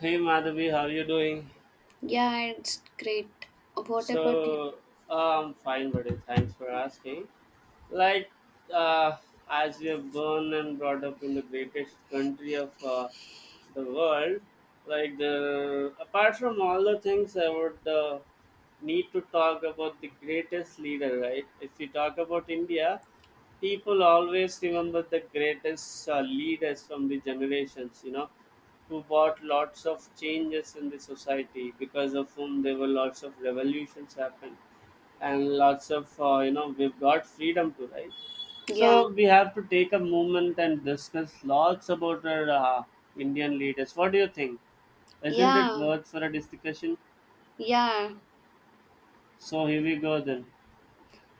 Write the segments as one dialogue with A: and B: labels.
A: Hey Madhavi, how are you doing?
B: Yeah, it's great. What about you?
A: So I'm fine, buddy. Thanks for asking. Like, uh, as we are born and brought up in the greatest country of the world, like the apart from all the things, I would need to talk about the greatest leader, right? If you talk about India, people always remember the greatest leaders from the generations, you know, who brought lots of changes in the society because of whom there were lots of revolutions happened and lots of we've got freedom to, right? So
B: Yeah,
A: we have to take a moment and discuss lots about our indian leaders. What do you think? Isn't it
B: yeah,
A: worth for a discussion?
B: yeah.
A: So here we go then.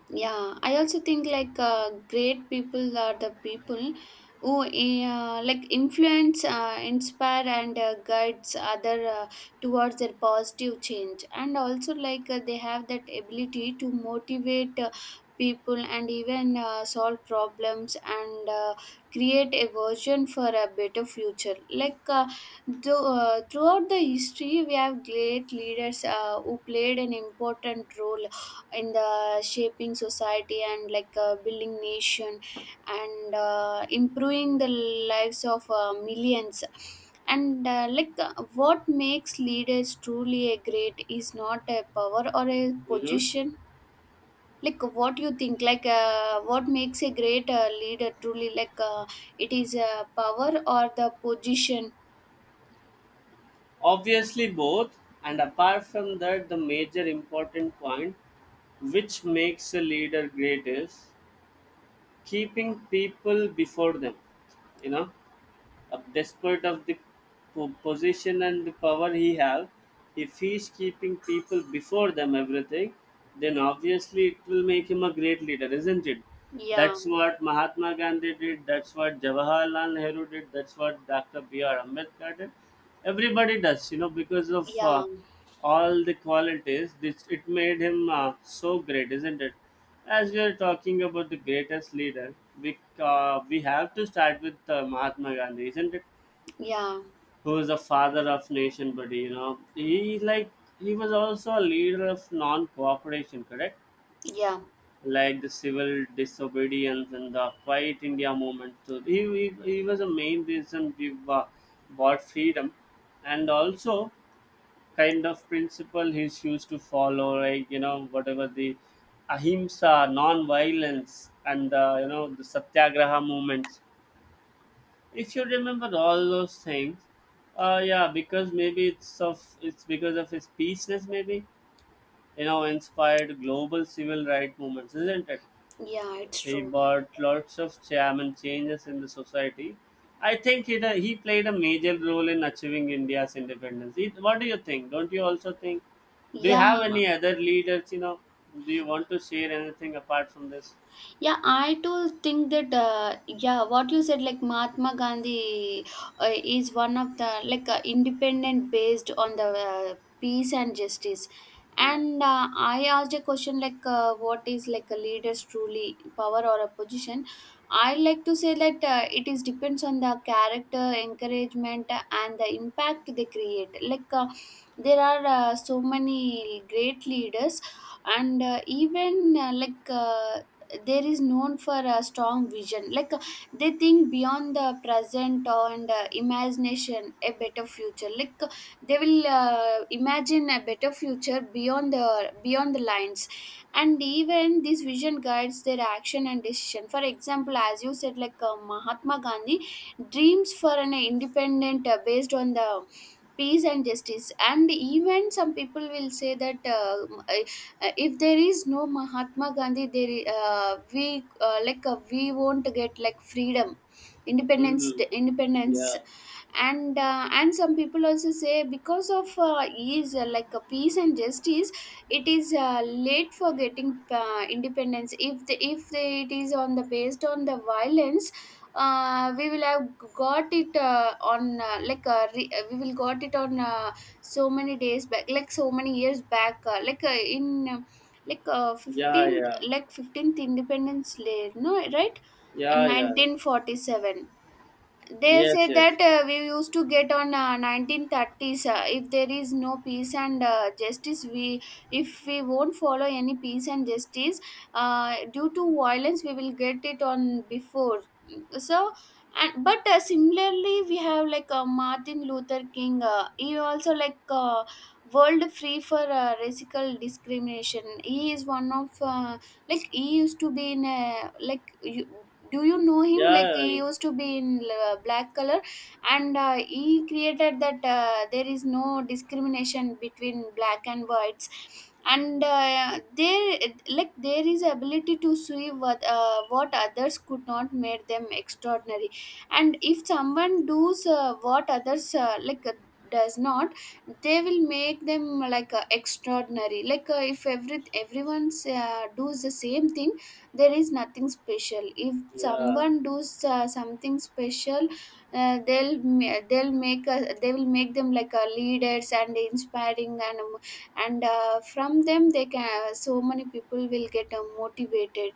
B: Yeah, I also think like great people are the people who like influence, inspire and guides other towards their positive change, and also like they have that ability to motivate people, and even solve problems and create a version for a better future like throughout the history we have great leaders who played an important role in the shaping society, and like building nation and improving the lives of millions and like what makes leaders truly a great is not a power or a
A: Hmm.
B: position. Like, what you think like what makes a great leader truly like it is a power or the position?
A: Obviously, both, and apart from that, the major important point which makes a leader great is keeping people before them. You know, despite of the position and the power he have, if he is keeping people before them everything, then obviously it will make him a great leader, isn't it?
B: Yeah,
A: That's what Mahatma Gandhi did. That's what Jawaharlal Nehru did. That's what Dr. B.R. Ambedkar did. Everybody does, you know, because of
B: yeah,
A: all the qualities. This it made him so great, isn't it? As we are talking about the greatest leader, we have to start with Mahatma Gandhi, isn't it?
B: yeah,
A: Who is the father of nation, buddy? You know, he like he was also a leader of non-cooperation, correct?
B: yeah.
A: Like the civil disobedience and the Quiet India movement. So he was a main reason we bought freedom, and also kind of principle he's used to follow, like you know whatever the ahimsa, non-violence, and you know the satyagraha movements. If you remember all those things, yeah, because maybe it's of it's because of his peaceness, maybe you know inspired global civil rights movements, isn't it?
B: Yeah, it's
A: He
B: true.
A: brought lots of charm and changes in the society. I think it, he played a major role in achieving India's independence. It, what do you think? Don't you also think? Do you
B: Yeah.
A: have any other leaders? You know, do you want to share anything apart from this?
B: Yeah, I too think that, yeah, what you said, like Mahatma Gandhi is one of the, like, independent based on the peace and justice.
A: Yeah.
B: And I asked a question like, what is like a leader's truly power or a position? I like to say that it is depends on the character, encouragement, and the impact they create. Like, there are so many great leaders, and even like there is known for a strong vision. Like they think beyond the present, and imagination a better future. Like they will imagine a better future beyond the lines. And even this vision guides their action and decision. For example, as you said, like Mahatma Gandhi dreams for an independent based on the peace and justice. And even some people will say that if there is no Mahatma Gandhi there, we like we won't get like freedom, independence.
A: Mm-hmm.
B: Independence.
A: Yeah.
B: And and some people also say because of ease, like a peace and justice, it is late for getting independence. If the, it is on the based on the violence, we will have got it on like we will got it on so many days back, like so many years back, like in like
A: Yeah.
B: 15th,
A: Yeah.
B: like 15th independence day, no right?
A: Yeah.
B: And
A: Yeah.
B: 1947, they
A: Yes.
B: say
A: Yes.
B: that we used to get on 1930s. If there is no peace and justice we, if we won't follow any peace and justice, due to violence we will get it on before. So. And but similarly we have like Martin Luther King. He also like world free for racial discrimination. He is one of like, he used to be in a like you, do you know him? Like
A: Yeah.
B: he
A: I-
B: used to be in black color. And he created that there is no discrimination between black and whites. And there, like there is ability to see what others could not made them extraordinary. And if someone does what others like does not, they will make them like extraordinary. Like if everyone's does the same thing, there is nothing special. If
A: Yeah.
B: someone does something special, they'll make a, they will make them like leaders and inspiring, and from them they can, so many people will get motivated.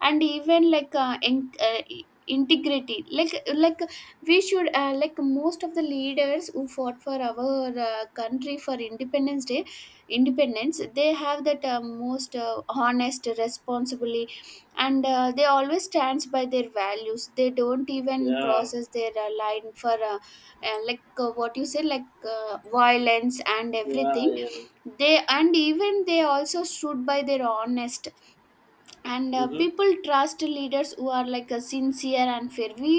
B: And even like in, integrity, like we should like most of the leaders who fought for our country for independence day, independence. They have that most honest responsibly, and they always stands by their values. They don't even
A: Yeah.
B: crosses their line for like what you say like violence and
A: Yeah.
B: everything.
A: Yeah.
B: They, and even they also stood by their honest. And
A: Mm-hmm.
B: people trust leaders who are like sincere and fair. we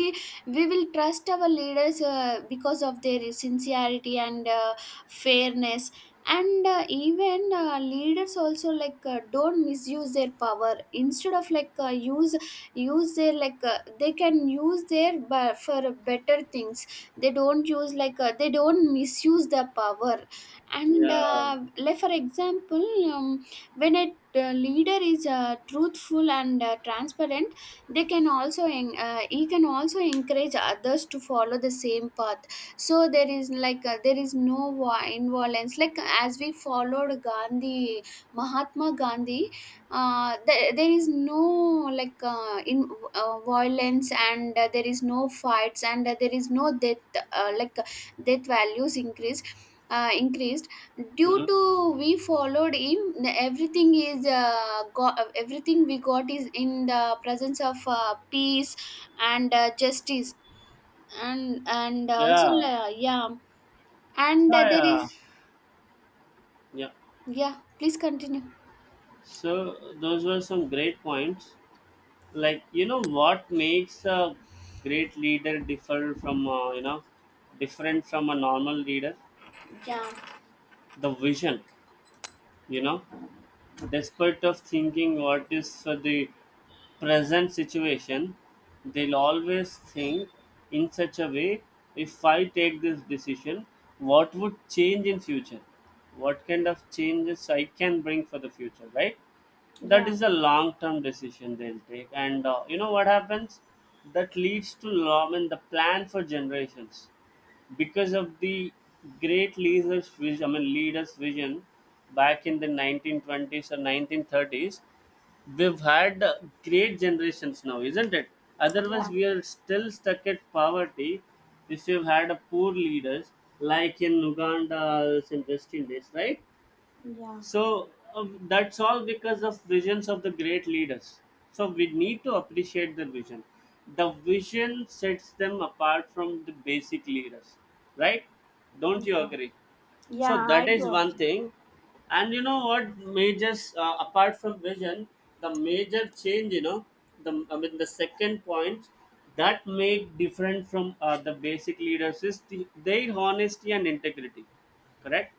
B: we will trust our leaders because of their sincerity and fairness. And even leaders also like don't misuse their power, instead of like use their, like they can use their but for better things. They don't use like they don't misuse the power. And
A: Yeah.
B: like for example um, when I, the leader is truthful and transparent, they can also he can also encourage others to follow the same path. So there is like there is no involence, like as we followed Gandhi, Mahatma Gandhi. There, there is no like in violence, and there is no fights, and there is no death like death values increase. Increase due
A: Mm-hmm.
B: to, we followed him. Everything is got, everything we got is in the presence of peace and justice. And also
A: Yeah.
B: yeah.
A: So,
B: And there
A: yeah.
B: is,
A: Yeah.
B: yeah please continue.
A: So those were some great points. Like you know what makes a great leader differ from different from a normal leader?
B: Yeah,
A: The vision. You know despite of thinking what is for the present situation, they'll always think in such a way, if I take this decision, what would change in future? What kind of changes I can bring for the future, right? That
B: yeah,
A: is a long term decision they'll take and you know what happens, that leads to long and the plan for generations because of the great leaders vision, I mean leaders vision back in the 1920s or 1930s. We've had great generations now, isn't it? Otherwise
B: yeah,
A: we are still stuck at poverty if we've had a poor leaders like in uganda as in west indies, right?
B: yeah,
A: So that's all because of visions of the great leaders. So we need to appreciate the vision. The vision sets them apart from the basic leaders, right? Don't you
B: yeah,
A: agree? So
B: yeah. I
A: that
B: do
A: is one
B: agree.
A: thing. And you know what majors apart from vision, the major change, you know, the I mean the second point that make different from the basic leaders is the, their honesty and integrity, correct?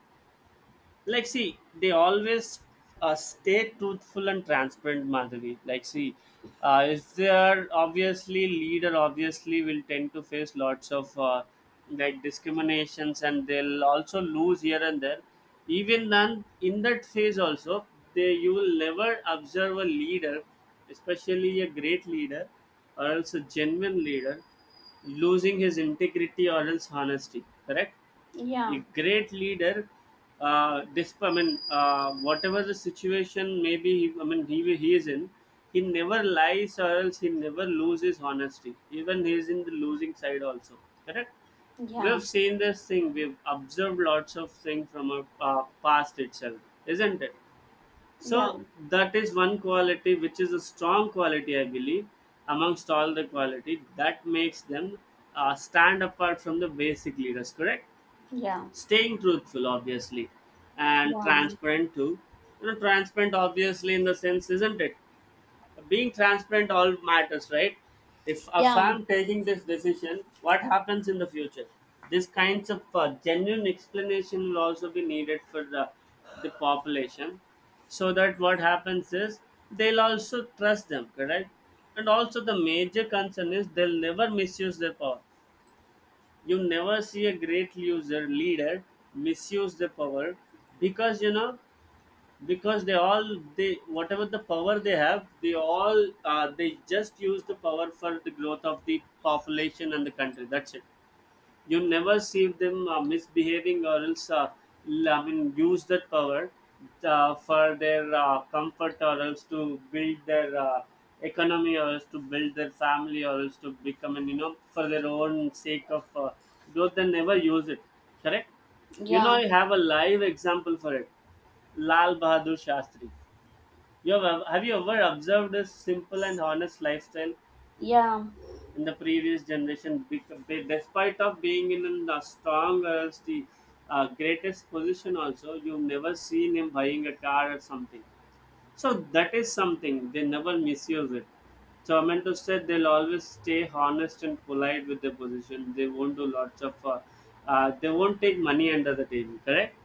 A: Like see they always stay truthful and transparent, madhavi. Like see if they are obviously leader obviously will tend to face lots of like discriminations, and they'll also lose here and there. Even then in that phase also, they you will never observe a leader, especially a great leader or else a genuine leader, losing his integrity or else honesty, correct? A
B: Yeah,
A: great leader I mean, whatever the situation may be, I mean, he is in, he never lies or else he never loses honesty. Even he is in the losing side also. Correct?
B: yeah,
A: We've seen this thing. We've observed lots of things from our past itself, isn't it?
B: yeah,
A: So that is one quality, which is a strong quality, I believe, amongst all the quality that makes them stand apart from the basic leaders. Correct?
B: yeah,
A: Staying truthful obviously and
B: yeah,
A: transparent too. You know transparent obviously in the sense, isn't it? Being transparent all matters, right? If
B: yeah,
A: I'm taking this decision, what happens in the future? These kinds of genuine explanation will also be needed for the population. So that what happens is they'll also trust them, correct? And also the major concern is they'll never misuse their power. You never see a great user leader misuse the power, because you know because they all they whatever the power they have they all they just use the power for the growth of the population and the country, that's it. You never see them misbehaving or else I mean use that power for their comfort or else to build their economy or else to build their family or else to become, and you know for their own sake of growth they never use it, correct? You know I have a live example for it. Lal Bahadur Shastri. Have you ever observed his simple and honest lifestyle
B: yeah,
A: in the previous generation? Despite of being in the strongest the greatest position also, you've never seen him buying a car or something. So that is something they never misuse it. So I meant to say they'll always stay honest and polite with their position. They won't do lots of they won't take money under the table, correct?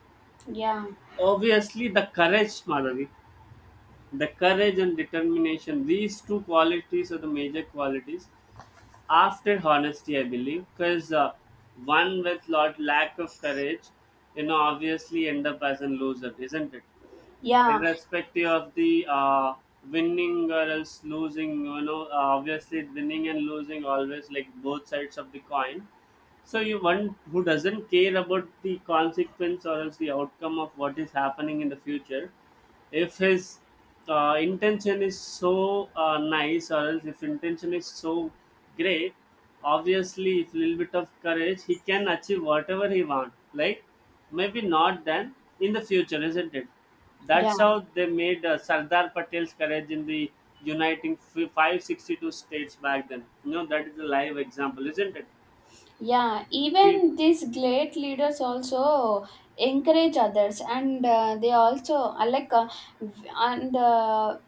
B: yeah, yeah,
A: Obviously the courage, madhavi, the courage and determination, these two qualities are the major qualities after honesty, I believe, because one with lot lack of courage, you know, obviously end up as a loser, isn't it?
B: yeah,
A: Irrespective of the winning or else losing, you know, obviously winning and losing always like both sides of the coin. So you one who doesn't care about the consequence or else the outcome of what is happening in the future, if his intention is so nice or else if intention is so great, obviously if little bit of courage he can achieve whatever he want, like maybe not then in the future, isn't it?
B: yeah.
A: That's how they made sardar patel's courage in the uniting 562 states back then, you know, that is a live example, isn't it?
B: Yeah,
A: He-
B: even these great leaders also encourage others. And they also like and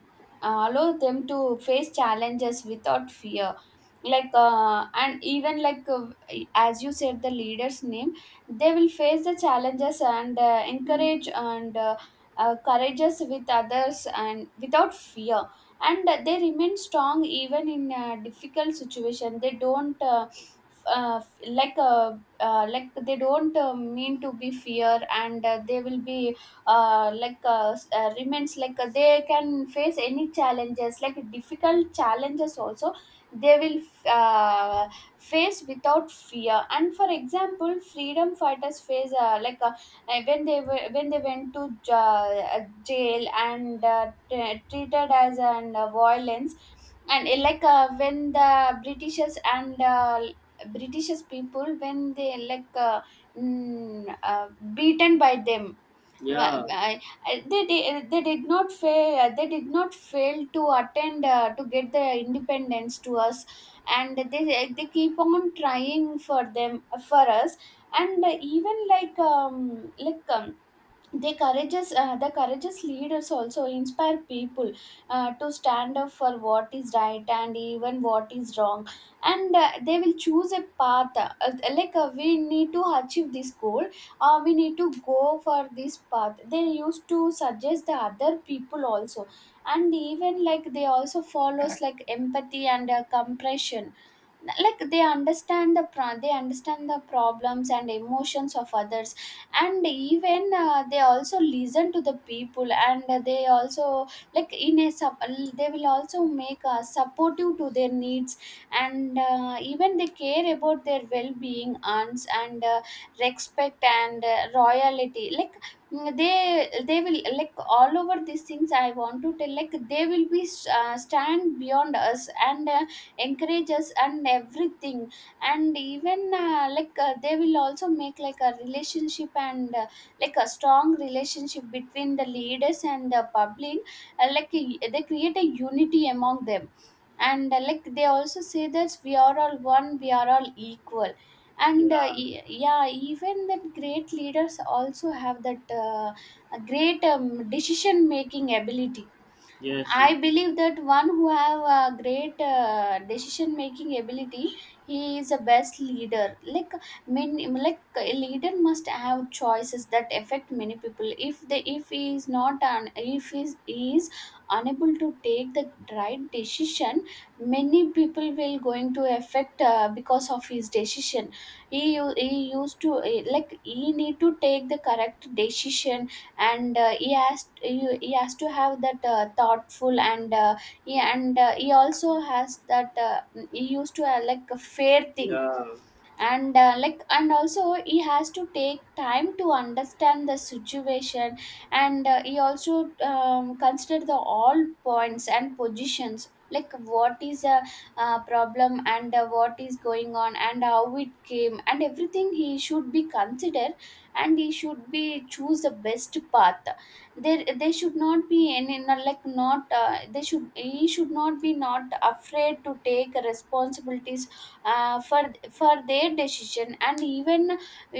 B: allow them to face challenges without fear. Like and even, like as you said the leader's name, they will face the challenges and
A: Mm.
B: encourage and courageous with others and without fear. And they remain strong even in a difficult situation. They don't uh, like they don't mean to be fear. And they will be like remains, like they can face any challenges, like difficult challenges also. They will uh, face without fear. And for example, freedom fighters face like when they were, when they went to jail and treated as an violence. And like when the britishers, and British people, when they like mm, uh, beaten by them. Wha-
A: Yeah.
B: I- they did not fail. They did not fail to attend to get their independence to us, and they keep on trying for them for us. And even like the courageous leaders also inspire people to stand up for what is right and even what is wrong. And they will choose a path, like we need to achieve this goal. We need to go for this path, they used to suggest the other people also. And even like they also follows like empathy and compassion. Like they understand the they understand the problems and emotions of others. And even they also listen to the people, and they also like in a sub, they will also make supportive to their needs. And even they care about their well-being and respect and royalty. Like they will like, all over these things I want to tell, like they will be stand beyond us and encourage us and everything. And even like they will also make like a relationship and like a strong relationship between the leaders and the public. Like they create a unity among them. And like they also say that we are all one, we are all equal. And
A: Yeah.
B: yeah, even that great leaders also have that great decision making ability.
A: Yes. Yeah.
B: I believe that one who have a great decision making ability, he is the best leader. Like many, like a leader must have choices that affect many people. If they, if he is not an, if he is, he is unable to take the right decision, many people will going to affect because of his decision. He used to, like, he need to take the correct decision, and he has to have that thoughtful, and he also has that he used to have like a fair thing,
A: Yeah.
B: and like, and also he has to take time to understand the situation, and he also consider the all points and positions, like what is a problem, and what is going on and how it came, and everything he should be considered, and he should be choose the best path. There should not be any, not like, not they should he should not be not afraid to take responsibilities for their decision, and even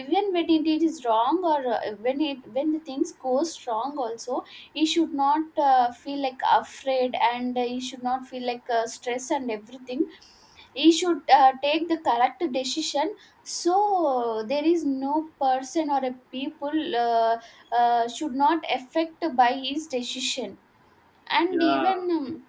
B: when it is wrong, or when it when the things goes wrong also, he should not feel like afraid, and he should not feel like stress and everything. He should take the correct decision, so there is no person or a people should not affect by his decision. And
A: Yeah.
B: even,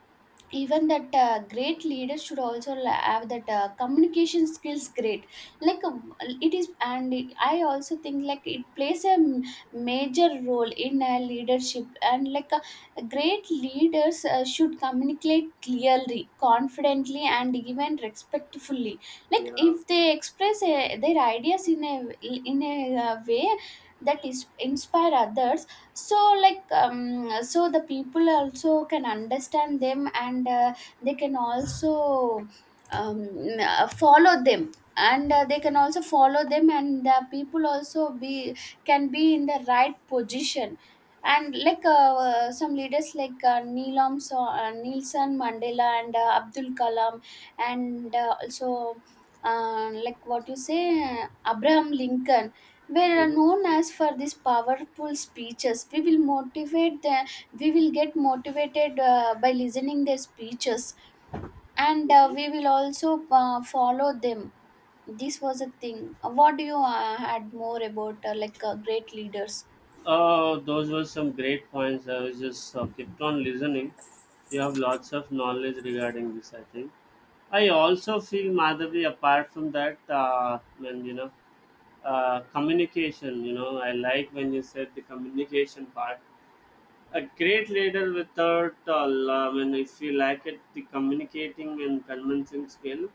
B: even that great leaders should also have that communication skills great. Like, it is, and I also think like it plays a major role in leadership, and like great leaders should communicate clearly, confidently, and even respectfully. Like,
A: Yeah.
B: if they express their ideas in a way that is inspire others, so like, so the people also can understand them, and they can also um, follow them, and they can also follow them, and the people also be can be in the right position. And like some leaders, like Nelson Mandela and Abdul Kalam, and also like what you say, Abraham Lincoln, were
A: Hmm.
B: known as for these powerful speeches. We will get motivated by listening their speeches, and
A: Mhm.
B: we will also follow them. This was a thing. What do you had more about like great leaders?
A: Those were some great points. I was just kept on listening. You have lots of knowledge regarding this, I think. I also feel Madhavi, apart from that, when you know, communication, you know, I like when you said the communication part. A great leader without, I mean, if you lack it, the communicating and convincing skill,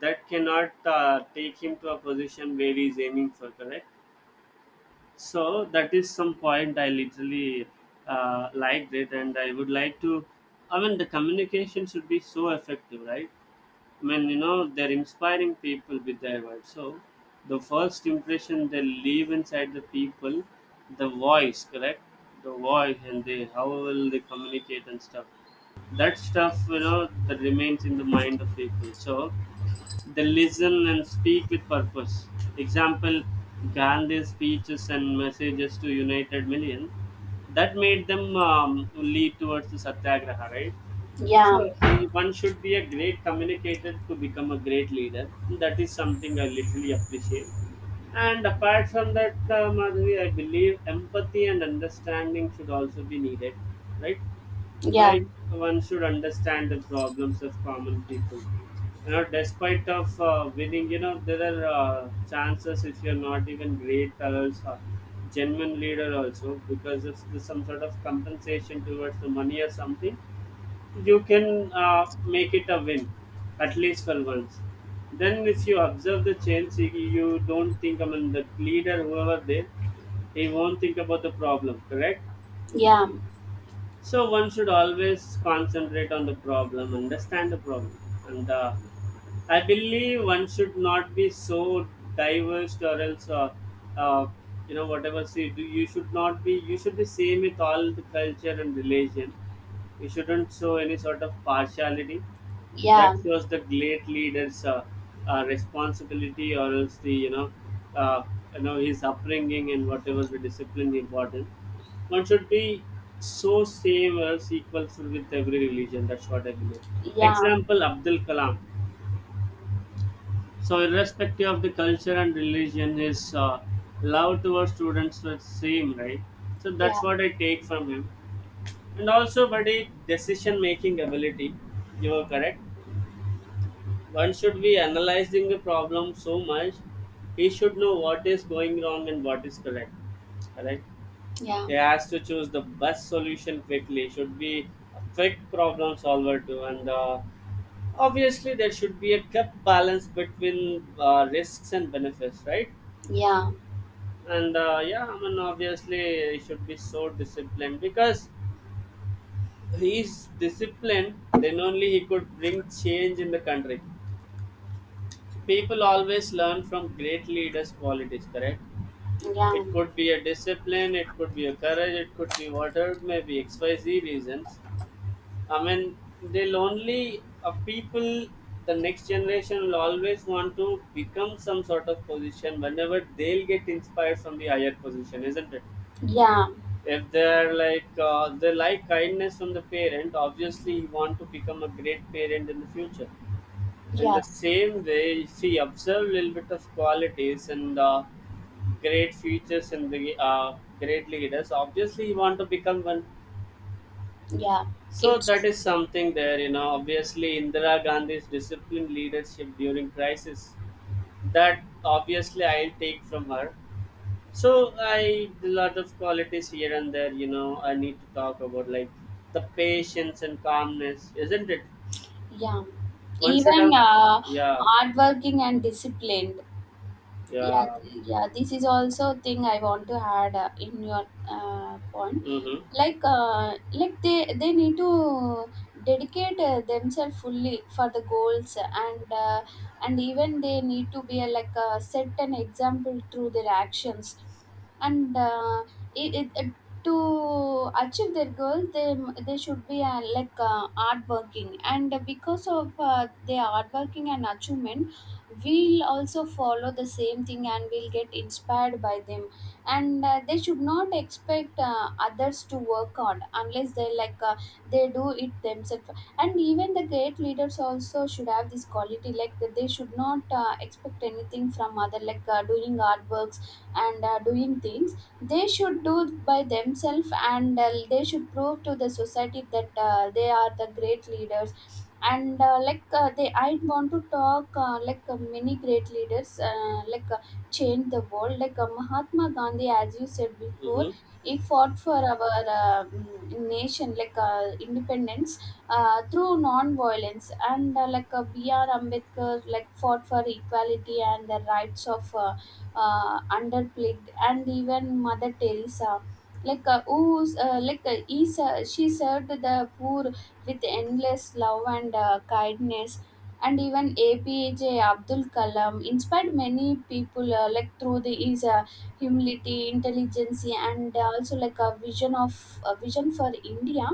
A: that cannot take him to a position where he's aiming for, correct? So that is some point I literally liked it, and I would like to. I mean, the communication should be so effective, right? I mean, you know, they're inspiring people with their words. So the first impression they leave inside the people, the voice, correct? The voice and they how will they communicate and stuff. That stuff, you know, that remains in the mind of people. So they listen and speak with purpose. Example Gandhi's speeches and messages to united millions that made them lead towards the satyagraha, right?
B: Yeah,
A: So one should be a great communicator to become a great leader. That is something I literally appreciate. And apart from that, Madhavi, I believe empathy and understanding should also be needed, right?
B: yeah,
A: Like one should understand the problems of common people, you know, despite of winning, you know, there are chances if you're not even great adults or genuine leader also, because if there's some sort of compensation towards the money or something, you can make it a win at least for once. Then if you observe the change, you don't think, I mean the leader whoever there, he won't think about the problem, correct?
B: yeah,
A: So one should always concentrate on the problem, understand the problem, and I believe one should not be so diverse, or else, uh, you know, whatever. See, do you should not be. You should be same with all the culture and religion. You shouldn't show any sort of partiality. That
B: yeah,
A: was the great leader's responsibility, or else the uh, his upbringing and whatever the discipline he brought in. One should be so same, or else equal, with every religion. That's what I believe.
B: yeah,
A: Example, Abdul Kalam. So irrespective of the culture and religion, his love towards students was same, right? So
B: yeah,
A: that's what I take from him. And also, buddy, decision making ability, you are correct. One should be analyzing the problem so much, he should know what is going wrong and what is correct. Correct?
B: yeah,
A: He has to choose the best solution quickly. Should be a quick problem solver too, and obviously there should be a kept balance between risks and benefits, right?
B: yeah,
A: And yeah, I mean obviously he should be so disciplined because he is disciplined. Then only he could bring change in the country. People always learn from great leaders' qualities, correct?
B: yeah,
A: It could be a discipline, it could be a courage, it could be whatever it may be, XYZ reasons. I mean, they'll only, people, the next generation will always want to become some sort of position whenever they'll get inspired from the higher position, isn't it?
B: yeah,
A: If they're like, they like kindness from the parent. Obviously, he want to become a great parent in the future. In
B: yeah.
A: the same way, she observed little bit of qualities and great features in the great leaders. Obviously, you want to become one.
B: Yeah,
A: So that
B: it's
A: is something there. Obviously, Indira Gandhi's disciplined leadership during crisis, that obviously I'll take from her. So I a lot of qualities here and there, I need to talk about, like, the patience and calmness, isn't it?
B: yeah.
A: One should
B: Even
A: have, yeah,
B: hardworking and disciplined, yeah,
A: yeah,
B: yeah, this is also thing I want to add in your point.
A: mm-hmm.
B: Like like they need to dedicate themselves fully for the goals, and uh, and even they need to be like set an example through their actions, and it, it, it- to achieve their goals, they should be like hardworking, and because of their hardworking and achievement, we'll also follow the same thing, and we'll get inspired by them. And they should not expect others to work hard unless they, like they do it themselves. And even the great leaders also should have this quality, like that they should not expect anything from other, like doing artworks, and doing things. They should do by themselves, and they should prove to the society that they are the great leaders. And like they I want to talk like many great leaders like change the world, like Mahatma Gandhi, as you said before.
A: Mm-hmm.
B: He fought for our nation, like independence, through non-violence. And like BR Ambedkar, like, fought for equality and the rights of underplicked, and even Mother Teresa. Like who's like she served the poor with endless love and kindness, and even APJ Abdul Kalam inspired many people like through the his humility, intelligence, and also like a vision for India.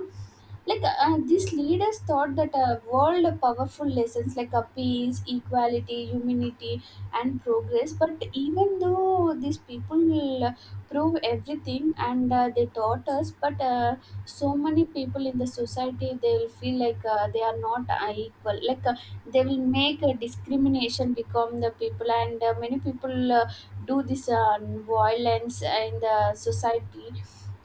B: Like these leaders thought that world powerful lessons, like peace, equality, humanity, and progress. But even though these people will prove everything and they taught us, but so many people in the society, they will feel like they are not equal. Like they will make a discrimination become the people, and many people do this violence in the society.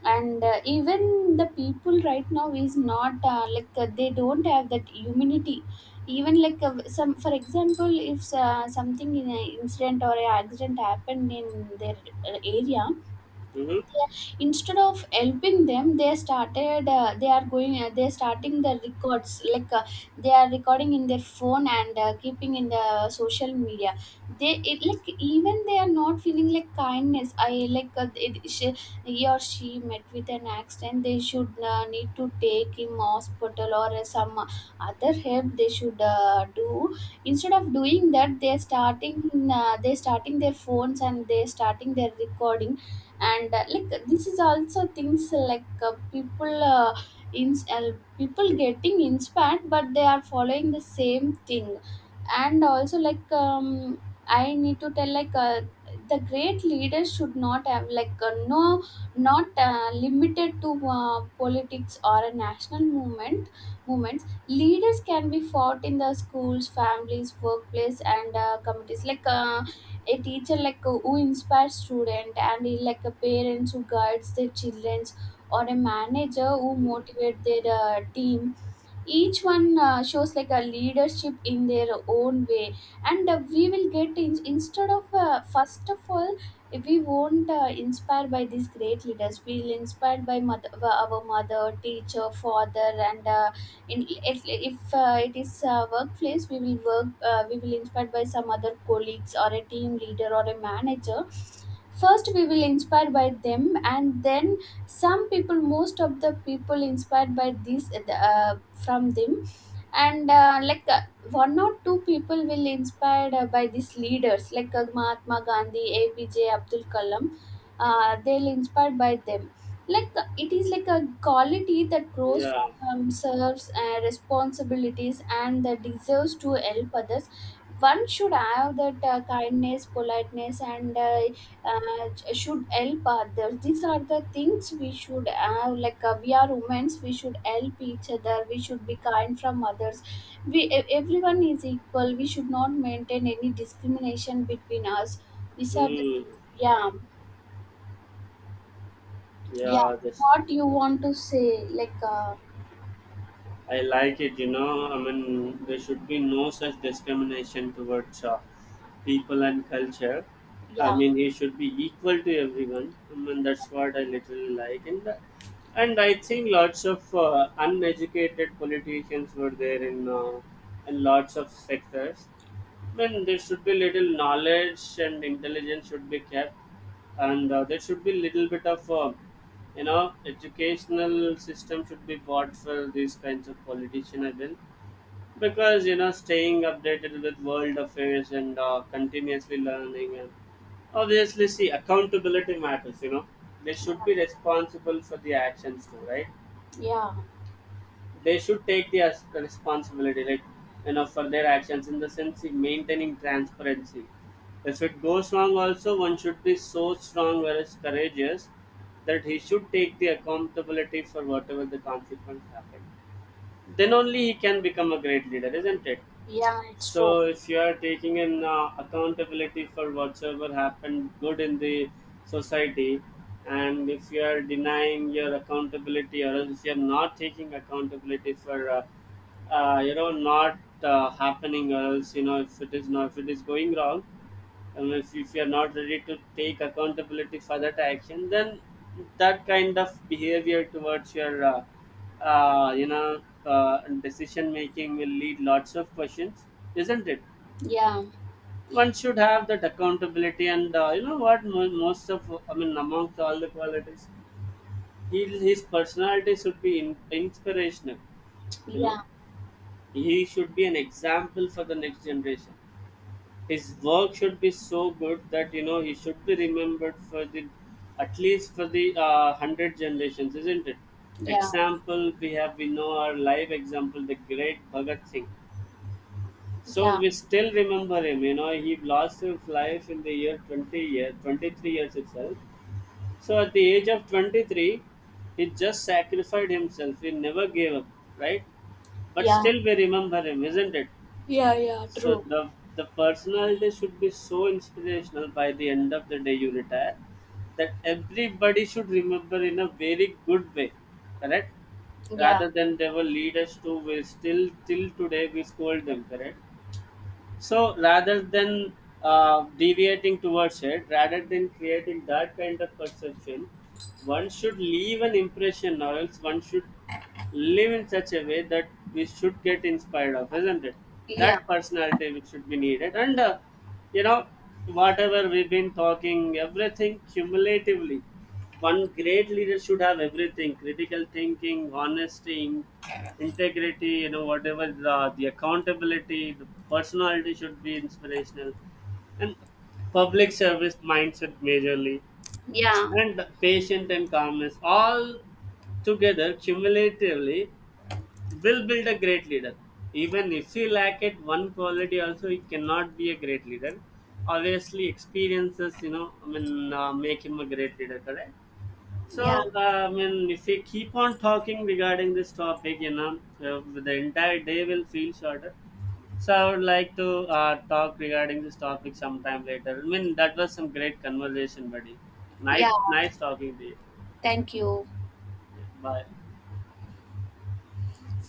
B: And even the people right now is not like they don't have that humanity. Even, like some, for example, if something in an incident or an accident happened in their area,
A: Mm-hmm.
B: they, instead of helping them, they started they are going they are starting the records, like they are recording in their phone and keeping in the social media. Like, even they are not feeling like kindness. I like it, she, He or she met with an accident, they should need to take him hospital, or some other help they should do. Instead of doing that, they're starting their phones and they're starting their recording. And like, this is also things like people in people getting inspired, but they are following the same thing. And also, like I need to tell, like the great leaders should not have, like no, not limited to politics or a national movement. Movements, leaders can be fought in the schools, families, workplace, and communities, like a teacher, like who inspires student, and like a parents who guides their children, or a manager who
A: Mm-hmm.
B: motivates their team. Each one shows like a leadership in their own way. And we will get in, instead of first of all, we won't inspired by these great leaders, we'll inspired by our mother, teacher, father, and in, if it is a workplace, we will inspired by some other colleagues, or a team leader or a manager. First we will inspire by them, and then some people, most of the people inspired by these from them. And like one or two people will inspired by these leaders, like Mahatma Gandhi, APJ Abdul Kalam, they'll inspired by them. Like it is like a quality that grows
A: Yeah.
B: from serves responsibilities and that deserves to help others. One should have that kindness, politeness, and should help others. These are the things we should have. Like we are women, we should help each other. We should be kind from others. Everyone is equal. We should not maintain any discrimination between us. These are the.
A: Mm.
B: Yeah, yeah.
A: Yeah. This,
B: What you want to say? Like
A: I like it. I mean, there should be no such discrimination towards people and culture. I
B: yeah,
A: mean, it should be equal to everyone. I mean, that's what I literally like. And that, and I think lots of uneducated politicians were there in lots of sectors. Then there should be little knowledge and intelligence should be kept, and there should be little bit of educational system should be bought for these kinds of politician. I will. Because staying updated with world affairs and continuously learning and obviously, see, accountability matters. They should be responsible for the actions too, right?
B: yeah,
A: They should take the responsibility, like, for their actions, in the sense, in maintaining transparency. If it goes wrong also, one should be so strong, whereas courageous, that he should take the accountability for whatever the consequence happened. Then only he can become a great leader, isn't it?
B: yeah. It's true.
A: So, if you are taking an accountability for whatsoever happened good in the society, and if you are denying your accountability, or else if you are not taking accountability for, not happening, or else if it is going wrong, unless if you're not ready to take accountability for that action, then that kind of behavior towards your, decision making will lead lots of questions, isn't it?
B: Yeah,
A: One should have that accountability, and you know what? Most of, I mean, amongst all the qualities, his personality should be inspirational. You know,
B: yeah,
A: he should be an example for the next generation. His work should be so good that he should be remembered, for the at least for the hundred generations, isn't it?
B: yeah,
A: Example, we know our live example, the great Bhagat Singh. So
B: yeah,
A: we still remember him. You know he lost his life in the year 23 years itself. So at the age of 23, he just sacrificed himself. He never gave up, right? But
B: yeah,
A: still we remember him, isn't it?
B: yeah, yeah.
A: So
B: True.
A: the personality should be so inspirational by the end of the day you retire, that everybody should remember in a very good way, correct?
B: Yeah,
A: Rather than they were leaders to, we still till today we scold them, correct? So rather than deviating towards it, rather than creating that kind of perception, one should leave an impression, or else one should live in such a way that we should get inspired of, isn't it?
B: yeah,
A: That personality which should be needed, and you know whatever we've been talking everything cumulatively, one great leader should have everything: critical thinking, honesty, integrity. Whatever the accountability, the personality should be inspirational, and public service mindset majorly,
B: yeah,
A: and patient and calmness. All together, cumulatively, will build a great leader. Even if he lack it one quality, also he cannot be a great leader. Obviously, experiences, I mean, make him a great leader. Correct. So,
B: yeah,
A: I mean, if we keep on talking regarding this topic, the entire day will feel shorter. So, I would like to talk regarding this topic sometime later. I mean, that was some great conversation, buddy. Night,
B: yeah.
A: nice talking to you.
B: Thank you.
A: Bye.